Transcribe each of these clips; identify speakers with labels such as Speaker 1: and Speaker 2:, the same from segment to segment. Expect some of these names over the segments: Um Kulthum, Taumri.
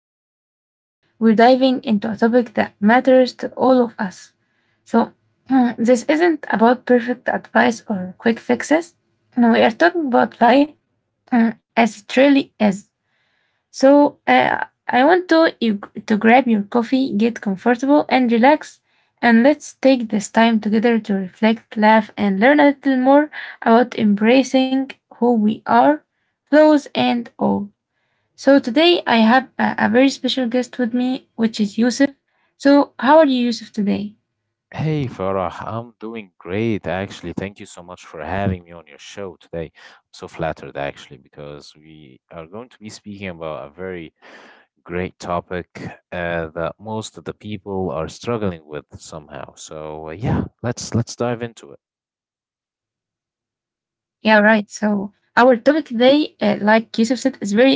Speaker 1: and today we're diving into a topic that matters to all of us. So, this isn't about perfect advice or quick fixes. No, we are talking about life as it really is. So I want to you to grab your coffee, get comfortable and relax, and let's take this time together to reflect, laugh, and learn a little more about embracing who we are, flaws and all. So today I have a very special guest with me, which is Yusuf. So how are you, Yusuf, today?
Speaker 2: Hey Farah, I'm doing great actually. Thank you so much for having me on your show today. I'm so flattered actually because we are going to be speaking about a very great topic that most of the people are struggling with somehow. So yeah, let's dive into
Speaker 1: Yeah, all
Speaker 2: it.
Speaker 1: right. So our topic today, like Yusuf said, is very important to all of us,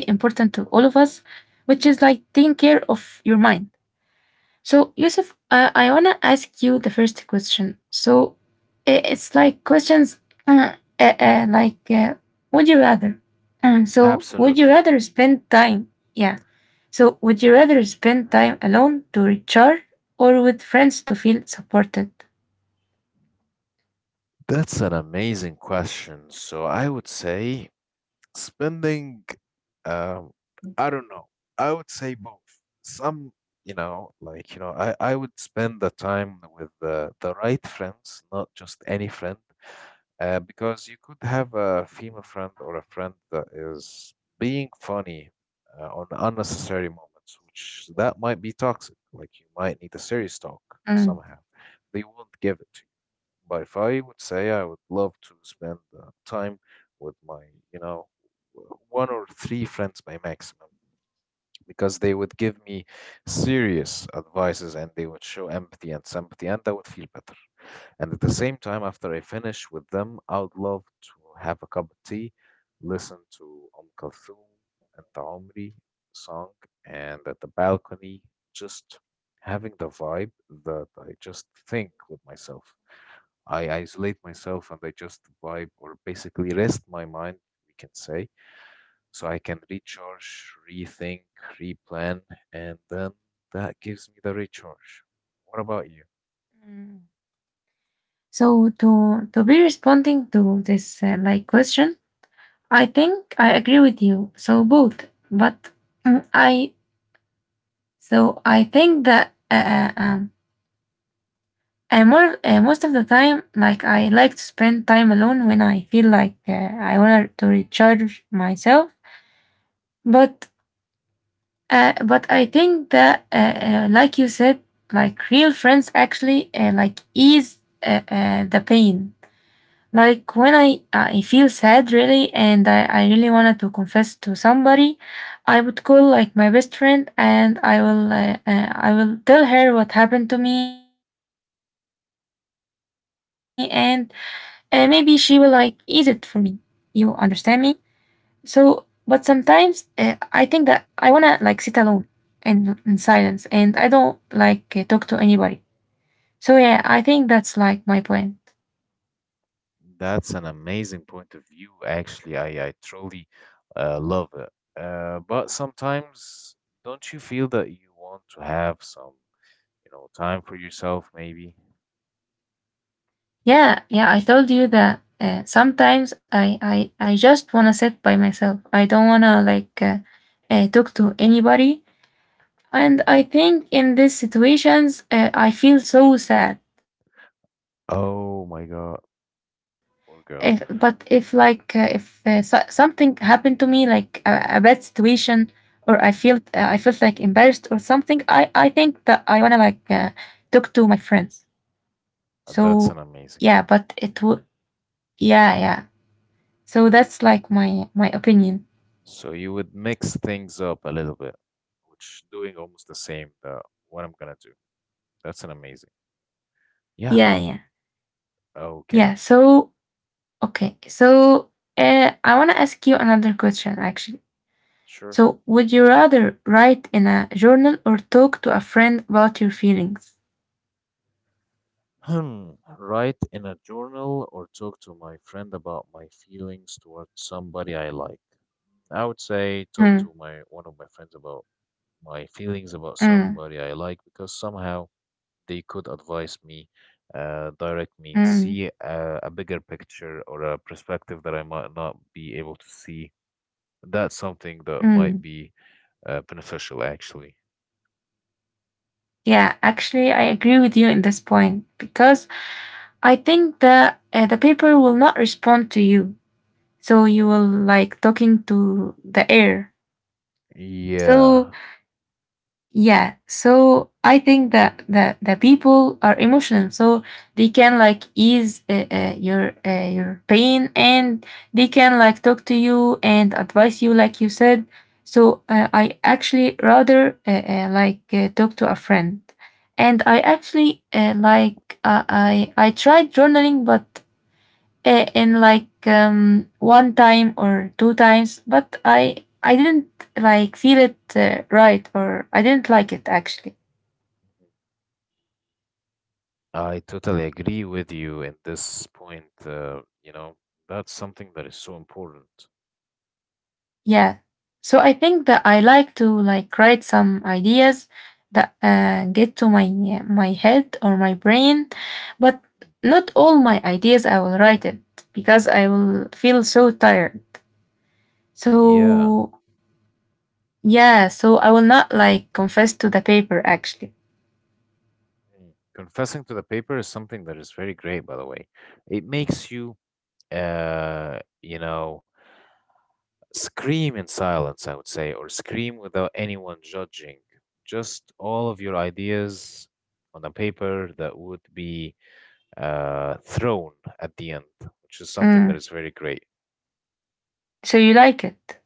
Speaker 1: which is like taking care of your mind. So, Yusuf, I want to ask you the first question. So, it's like questions uh, uh, uh, like, uh, would you rather? So, would you
Speaker 2: Absolutely.
Speaker 1: rather spend time? Yeah. So, would you rather spend time alone to recharge or with friends to feel supported?
Speaker 2: That's an amazing question. So I would say spending, um,
Speaker 1: Mm.
Speaker 2: I don't know. I would say both. Some, I would spend the time with the right friends, not just any friend, because you could have a female friend or a friend that is being funny on unnecessary moments, which that might be toxic. Like, you might need a serious talk somehow. They won't give it to you. But if I would say I would love to spend time with my, you know, one or three friends by maximum, because they would give me serious advices and they would show empathy and sympathy, and I would feel better. And at the same time, after I finish with them, I would love to have a cup of tea, listen to Kulthum and Taumri song, and at the balcony, just having the vibe that I just think with myself. I isolate myself and I just vibe or basically rest my mind, we can say, so I can recharge, rethink, replan, and then that gives me the recharge. What about you?
Speaker 1: Mm. So to be responding to this like question, I think I agree with you. So both, but mm, I I think that uh, um, I more most of the time, like I like to spend time alone when I feel like I want to recharge myself. But but I think that like you said, like real friends actually like ease the pain. Like when I feel sad really, and I really wanted to confess to somebody, I would call like my best friend, and I will tell her what happened to me, and maybe she will like ease it for me. You understand me? So, but sometimes I think that I wanna like sit alone and in silence, and I don't like talk to anybody. So yeah, I think that's like my point.
Speaker 2: That's an amazing point of view. Actually, I truly love it. But sometimes, don't you feel that you want to have some, you know, time for yourself, maybe?
Speaker 1: Yeah, yeah. I told you that sometimes I just wanna sit by myself. I don't wanna like talk to anybody. And
Speaker 2: Mm-hmm.
Speaker 1: I think in these situations, I feel so sad if but
Speaker 2: Oh
Speaker 1: if
Speaker 2: my
Speaker 1: like
Speaker 2: God,
Speaker 1: if so-
Speaker 2: poor girl.
Speaker 1: something happened to me like a bad situation or I felt like embarrassed or something i think that I wanna like talk to my friends so
Speaker 2: That's
Speaker 1: yeah
Speaker 2: an
Speaker 1: but
Speaker 2: amazing.
Speaker 1: it would yeah yeah so that's like my opinion
Speaker 2: So you would mix things up a little bit, which doing almost the same that what I'm gonna do. That's an amazing. Yeah.
Speaker 1: yeah yeah
Speaker 2: Okay.
Speaker 1: yeah so okay so I wanna ask you another question actually.
Speaker 2: Sure.
Speaker 1: So, would you rather write in a journal or talk to a friend about your feelings?
Speaker 2: Hmm. Write in a journal or talk to my friend about my feelings towards somebody I like. I would say talk
Speaker 1: Mm,
Speaker 2: to my one of my friends about my feelings about
Speaker 1: mm,
Speaker 2: somebody I like because somehow they could advise me, direct me,
Speaker 1: mm,
Speaker 2: see a bigger picture or a perspective that I might not be able to see. That's something that might
Speaker 1: mm.
Speaker 2: be beneficial, actually.
Speaker 1: Yeah, actually, I agree with you in this point because I think that the paper will not respond to you. So you will like talking to the air. So
Speaker 2: Yeah.
Speaker 1: yeah so I think that the people are emotional so they can like ease your pain and they can like talk to you and advise you like you said so I actually rather like talk to a friend and I actually like i tried journaling but in like one time or two times, but I didn't like feel it right or I didn't like it actually.
Speaker 2: Mm-hmm. I totally agree with you at this point. You know, that's something that is so important.
Speaker 1: Yeah. So I think that I like to like write some ideas that get to my head or my brain, but
Speaker 2: Mm,
Speaker 1: not all my ideas I will write it because I will feel so tired.
Speaker 2: yeah.
Speaker 1: So yeah, so I will not like confess to the paper actually.
Speaker 2: Mm, confessing to the paper is something that is very great, by the way. It makes you, you know, scream in silence, I would say, or scream without anyone judging. Just all of your ideas on a paper that would be thrown at the end, which is something that
Speaker 1: Mm.
Speaker 2: is very great.
Speaker 1: So you like it?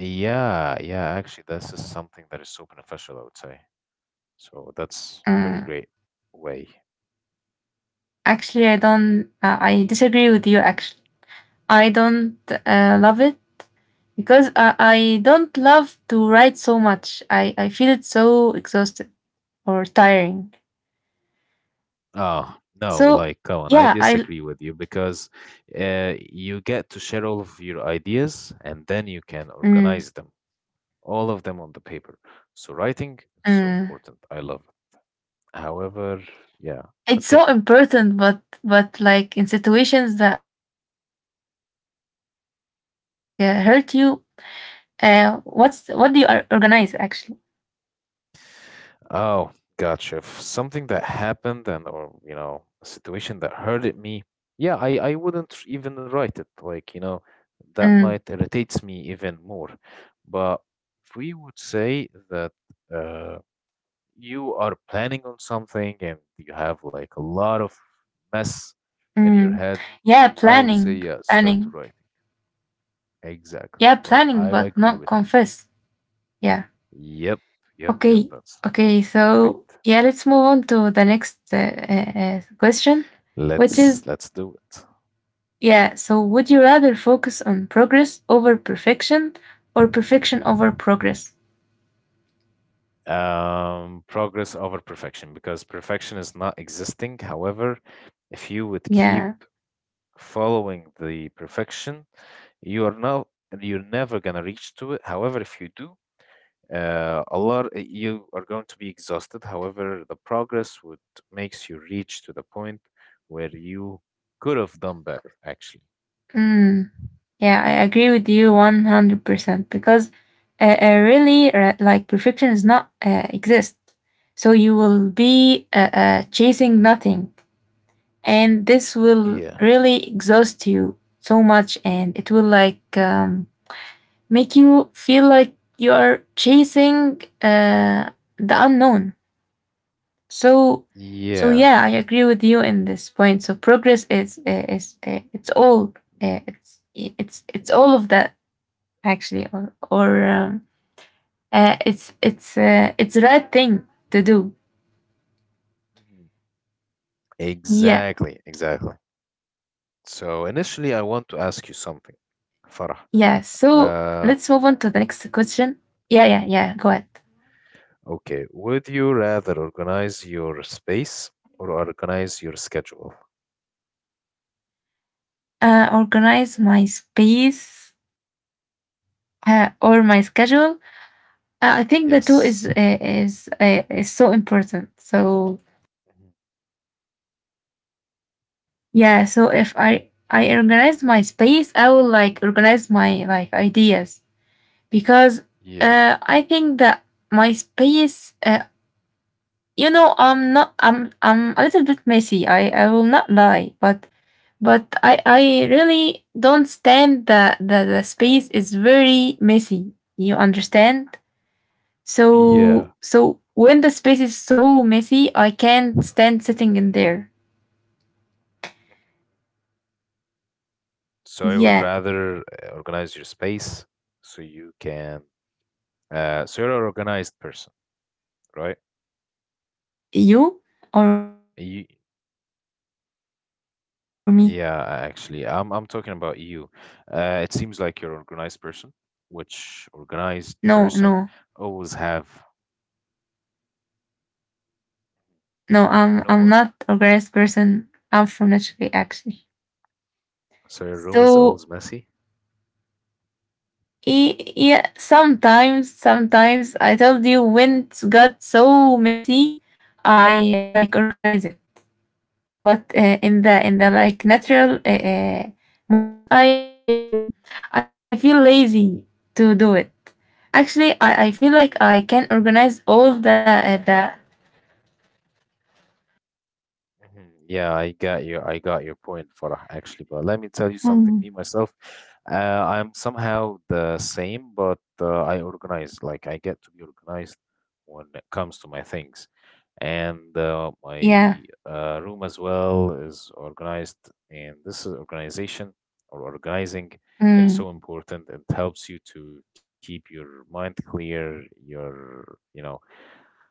Speaker 2: Yeah, yeah, actually, this is something that is so beneficial, I would say. So that's very
Speaker 1: Mm,
Speaker 2: great way.
Speaker 1: actually, I don't. I disagree with you. Actually, I don't love it because I don't love to write so much. I feel it so exhausted or tiring.
Speaker 2: Uh, no,
Speaker 1: So
Speaker 2: like Colin, I
Speaker 1: yeah, I.
Speaker 2: disagree with you because you get to share all of your ideas and then you can
Speaker 1: Mm,
Speaker 2: organize them, all of them on the paper. So writing is so
Speaker 1: mm.
Speaker 2: important. I love it. However, yeah,
Speaker 1: It's so
Speaker 2: continue.
Speaker 1: important, but like in situations that like hurt you. What's what do you organize actually?
Speaker 2: Oh, gotcha. If something that happened and or you know, a situation that hurted me, yeah, I wouldn't even write it. Like, you know, that
Speaker 1: Mm,
Speaker 2: might irritates me even more. But if we would say that uh you are planning on something and you have like a lot of mess in your
Speaker 1: mm.
Speaker 2: head,
Speaker 1: Yeah,
Speaker 2: I would say yeah, start
Speaker 1: planning.
Speaker 2: writing. Exactly.
Speaker 1: Yeah,
Speaker 2: Bro, I
Speaker 1: planning, but
Speaker 2: agree
Speaker 1: not
Speaker 2: with
Speaker 1: confess. Yeah.
Speaker 2: you. Yep, yep, yep,
Speaker 1: Okay.
Speaker 2: that's
Speaker 1: Okay.
Speaker 2: great.
Speaker 1: So, yeah, let's move on to the next question, which
Speaker 2: Let's
Speaker 1: is
Speaker 2: let's do it.
Speaker 1: yeah, so would you rather focus on progress over perfection or perfection over progress?
Speaker 2: Progress over perfection because perfection is not existing. However, if you would keep
Speaker 1: Yeah.
Speaker 2: following the perfection, you are now you're never gonna reach to it. However, if you do, a lot you are going to be exhausted. However, the progress would makes you reach to the point where you could have done better. Actually,
Speaker 1: Mm, yeah, I agree with you 100% because really like perfection does not exist. So you will be chasing nothing and this will
Speaker 2: Yeah.
Speaker 1: really exhaust you so much and it will like make you feel like you are chasing the unknown. So, so
Speaker 2: yeah,
Speaker 1: yeah, I agree with you in this point. So progress is it's all it's all of that actually, or it's the right thing to do.
Speaker 2: mhm,
Speaker 1: Yeah,
Speaker 2: exactly, exactly.
Speaker 1: yeah.
Speaker 2: So initially, I
Speaker 1: So
Speaker 2: want to
Speaker 1: let's
Speaker 2: ask you
Speaker 1: move on to
Speaker 2: something,
Speaker 1: the next
Speaker 2: Farah.
Speaker 1: question. Yeah, yeah,
Speaker 2: Um,
Speaker 1: yeah. Go ahead.
Speaker 2: okay, would you rather organize your space or organize your schedule?
Speaker 1: Organize my space or my schedule. I think the two
Speaker 2: Yes.
Speaker 1: is is so important. So
Speaker 2: Mhm.
Speaker 1: yeah, so if I organize my space, I will like organize my like ideas because
Speaker 2: Yeah.
Speaker 1: I think that my space, you know, I'm not I'm a little bit messy. I will not lie, but but I really don't stand that the space is very messy. You understand?
Speaker 2: Yeah.
Speaker 1: So so when the space is so messy, I can't stand sitting in there.
Speaker 2: So I would
Speaker 1: Yeah,
Speaker 2: rather organize your space so you can. So you're an organized person, right?
Speaker 1: you or me?
Speaker 2: You, yeah, actually, I'm talking about you. It seems like you're an organized person, which organized
Speaker 1: No,
Speaker 2: person
Speaker 1: no,
Speaker 2: always have
Speaker 1: no.
Speaker 2: no.
Speaker 1: I'm not organized person. I'm from naturally actually.
Speaker 2: So your room is
Speaker 1: So
Speaker 2: always messy?
Speaker 1: yeah, sometimes I told you when it got so messy, I like organize it. But in the like natural moments i feel lazy to do it actually i feel like I can organize all the
Speaker 2: Mhm. Yeah, I got you. I got your point, Farah, actually. But let me tell you something,
Speaker 1: Mm.
Speaker 2: me myself. I'm somehow the same, but I organize. Like, I get to be organized when it comes to my things. And
Speaker 1: yeah
Speaker 2: my room as well is organized. And this is organization or organizing. It's
Speaker 1: mm,
Speaker 2: so important. It helps you to keep your mind clear, your, you know,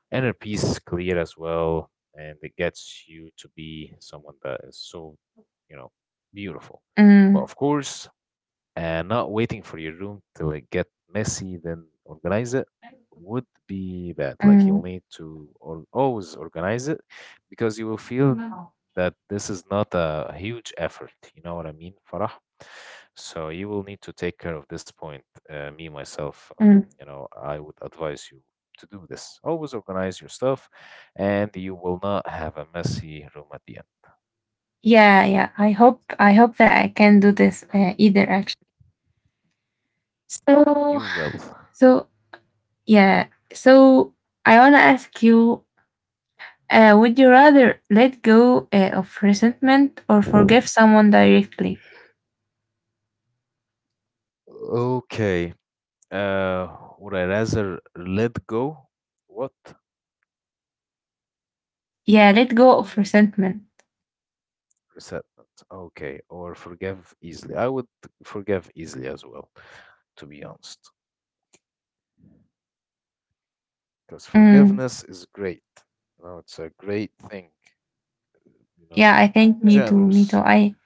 Speaker 2: and a piece clear as well and it gets you to be someone that is so, you know, beautiful. But
Speaker 1: mm,
Speaker 2: of course, not waiting for your room to like, get messy, then organize it would be bad. Like you'll
Speaker 1: mm,
Speaker 2: need to or always organize it because you will feel that this is not a huge effort. You know what I mean, Farah? So you will need to take
Speaker 1: mm.
Speaker 2: care of this point. Me, myself, you know, I would advise you to do this. Always organize your stuff and you will not have a messy room at the end.
Speaker 1: yeah yeah I hope that I can do this either actually so
Speaker 2: You will.
Speaker 1: so yeah so I want to ask you. Would you rather let go of resentment or forgive someone directly?
Speaker 2: Okay. Uh, would I rather let go? What?
Speaker 1: Yeah, let go of resentment.
Speaker 2: Resentment. Okay. Or forgive easily. I would forgive easily as well, to be honest. Because
Speaker 1: Mm.
Speaker 2: forgiveness is great. You know, it's a great thing, you know,
Speaker 1: Yeah, I think me too. Me too.
Speaker 2: generous.
Speaker 1: I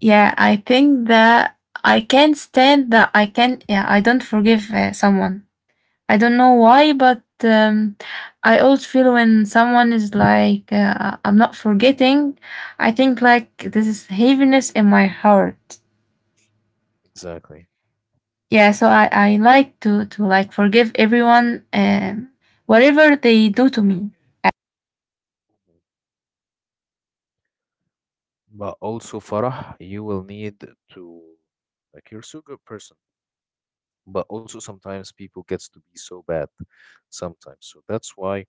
Speaker 1: yeah, I think that I can't stand that. I can yeah, I don't forgive someone. I don't know why, but I always feel when someone is like I'm not forgetting. I think like this is heaviness in my heart.
Speaker 2: Exactly.
Speaker 1: Yeah, so I like to like forgive everyone whatever they do to me.
Speaker 2: But also, Farah, you will need to like you're so good person. But also sometimes people gets to be so bad sometimes. So that's why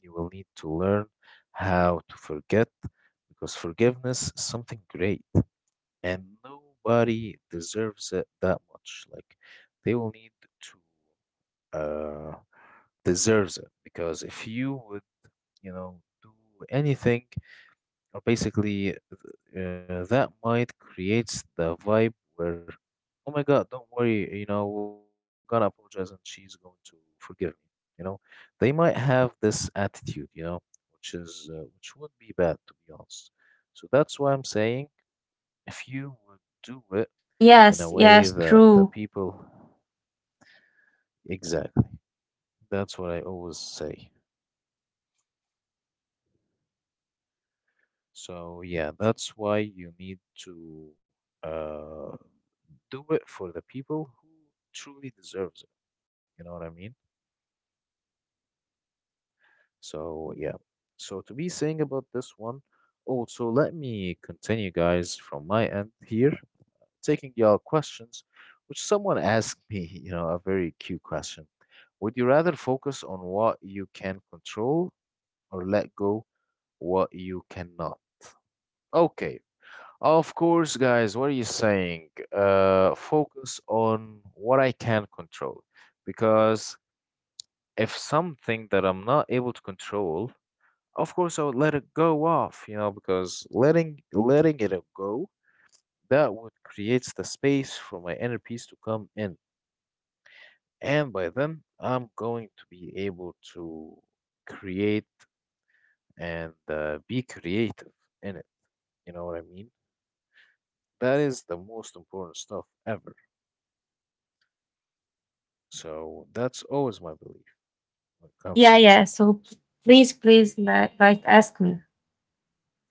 Speaker 2: you will need to learn how to forget because forgiveness is something great and nobody deserves it that much. Like they will need to deserves it because if you would, you know, do anything or basically that might creates the vibe where, oh my God, don't worry, you know, I'm gonna apologize and she's going to forgive me. You know, they might have this attitude, you know, which is which would be bad to be honest. So that's why I'm saying if you would do it in a
Speaker 1: Yes,
Speaker 2: way
Speaker 1: yes,
Speaker 2: that the
Speaker 1: true.
Speaker 2: people, exactly, that's what I always say. So yeah, that's why you need to uh do it for the people who truly deserves it. You know what I mean? So yeah. So to be saying about this one, also let me continue, guys, from my end here, taking y'all questions, which someone asked me, you know, a very cute question. Would you rather focus on what you can control or let go what you cannot? Okay. Of course, guys, what are you saying? Focus on what I can control because if something that I'm not able to control, of course I would let it go off, you know, because letting it go that would creates the space for my inner peace to come in. And by then, I'm going to be able to create and be creative in it. You know what I mean? That is the most important stuff ever. So that's always my belief when it comes to
Speaker 1: Yeah,
Speaker 2: this
Speaker 1: yeah. So
Speaker 2: point.
Speaker 1: please, please like ask me.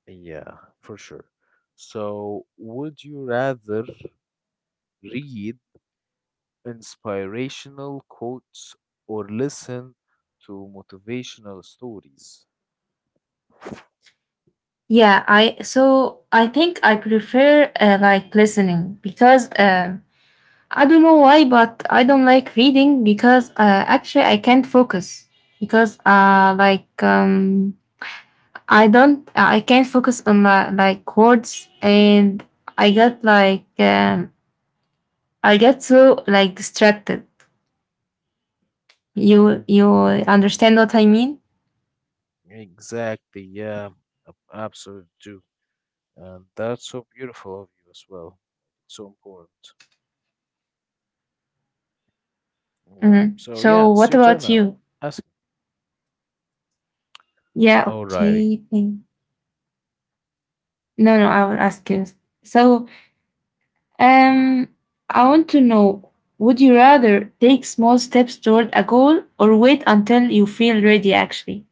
Speaker 2: Yeah, for sure. So would you rather read inspirational quotes, or listen to motivational stories.
Speaker 1: Yeah, I so I think I prefer like listening because I don't know why, but I don't like reading because actually I can't focus because like I can't focus on my like words and I got like I get so like distracted.
Speaker 2: Hmm.
Speaker 1: You understand what I mean?
Speaker 2: Exactly, yeah, absolutely do. And that's so beautiful of you as well. So important. All right.
Speaker 1: Mhm.
Speaker 2: So,
Speaker 1: So
Speaker 2: yeah, it's
Speaker 1: what
Speaker 2: your turn
Speaker 1: about
Speaker 2: now.
Speaker 1: you?
Speaker 2: Ask me.
Speaker 1: Yeah,
Speaker 2: Alrighty.
Speaker 1: okay. thank- No, no, I will ask you. So um I want to know would you rather take small steps toward a goal or wait until you feel ready actually?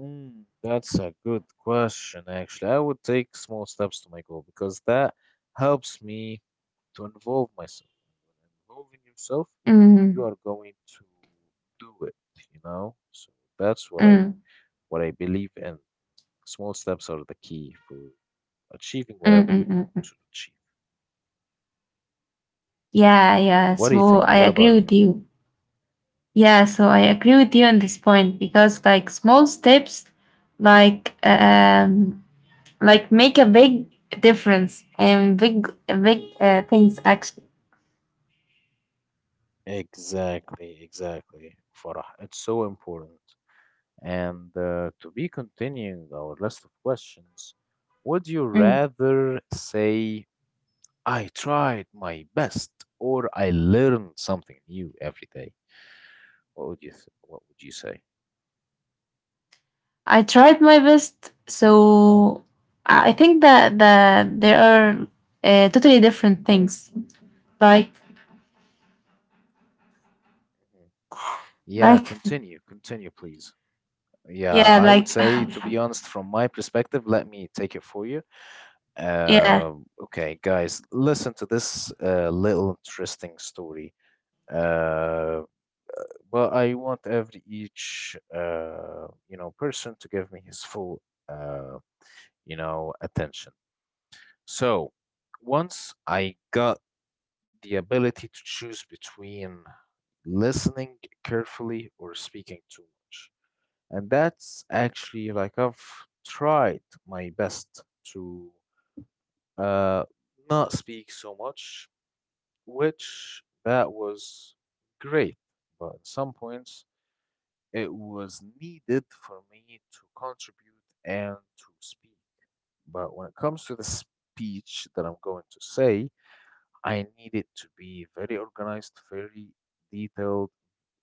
Speaker 2: Mm, that's a good question, actually. I would take small steps to my goal because that helps me to involve myself. And when involving yourself, you
Speaker 1: Mm,
Speaker 2: are going to do it, you know? So that's
Speaker 1: mm, mm,
Speaker 2: what I believe in. Small steps are the key for achieving
Speaker 1: mm,
Speaker 2: whatever you
Speaker 1: mm.
Speaker 2: want
Speaker 1: mm.
Speaker 2: to achieve.
Speaker 1: Yeah, yeah.
Speaker 2: What do you
Speaker 1: So
Speaker 2: think?
Speaker 1: I
Speaker 2: What
Speaker 1: agree
Speaker 2: about you?
Speaker 1: with you. Yeah, so I agree with you on this point because like small steps like um like make a big difference and big things actually.
Speaker 2: Exactly, exactly, Farah. It's so important. And to be continuing our list of questions, would you
Speaker 1: Mm.
Speaker 2: rather say, I tried my best or I learned something new every day? What would you what would you say?
Speaker 1: I tried my best so I think that there are totally different things like
Speaker 2: Mhm. Yeah,
Speaker 1: like
Speaker 2: continue, continue, please. Yeah,
Speaker 1: yeah
Speaker 2: I would
Speaker 1: like
Speaker 2: say, to be honest, from my perspective, let me take it for you.
Speaker 1: yeah
Speaker 2: Uh, okay, guys, listen to this little interesting story. Uh, but I want every each you know person to give me his full uh, you know attention. So once I got the ability to choose between listening carefully or speaking too much. And that's actually like I've tried my best to uh, not speak so much, which that was great. But at some points, it was needed for me to contribute and to speak. But when it comes to the speech that I'm going to say, I need it to be very organized, very detailed,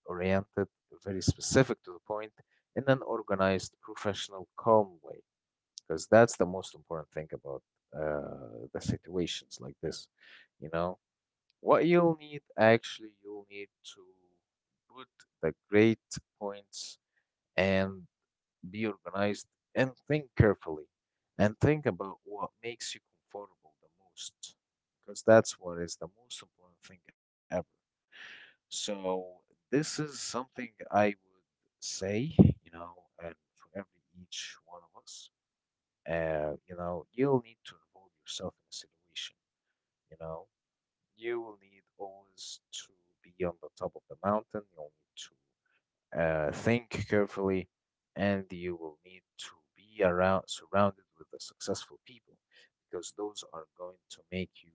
Speaker 2: oriented, very specific to the point in an organized, professional, calm way. Because that's the most important thing about the situations like this. You know, what you'll need actually, you'll need to put the great points and be organized and think carefully and think about what makes you comfortable the most because that's what is the most important thing ever. So, this is something I would say, you know, and for every each one of us you know, you'll need to involve yourself in the situation. You know, you will need always to be on the top of the mountain. You'll need to think carefully, and you will need to be around surrounded with the successful people because those are going to make you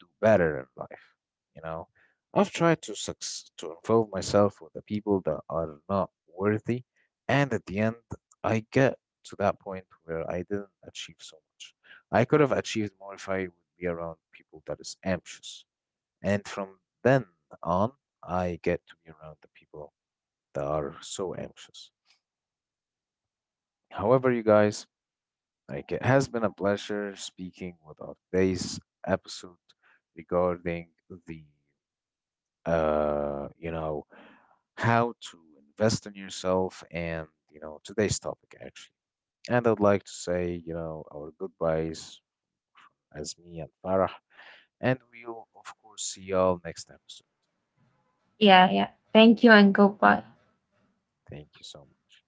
Speaker 2: do better in life. You know, I've tried to to involve myself with the people that are not worthy, and at the end, I get to that point where I didn't achieve so much. I could have achieved more if I would be around people that is ambitious. And from then on, I get to be around the people that are so anxious. However, you guys, like it has been a pleasure speaking with our today's episode regarding the you know how to invest in yourself and you know today's topic actually. And I'd like to say, you know, our goodbyes as me and Farah, and we'll of course see y'all next episode.
Speaker 1: yeah yeah thank you and goodbye.
Speaker 2: Thank you so much.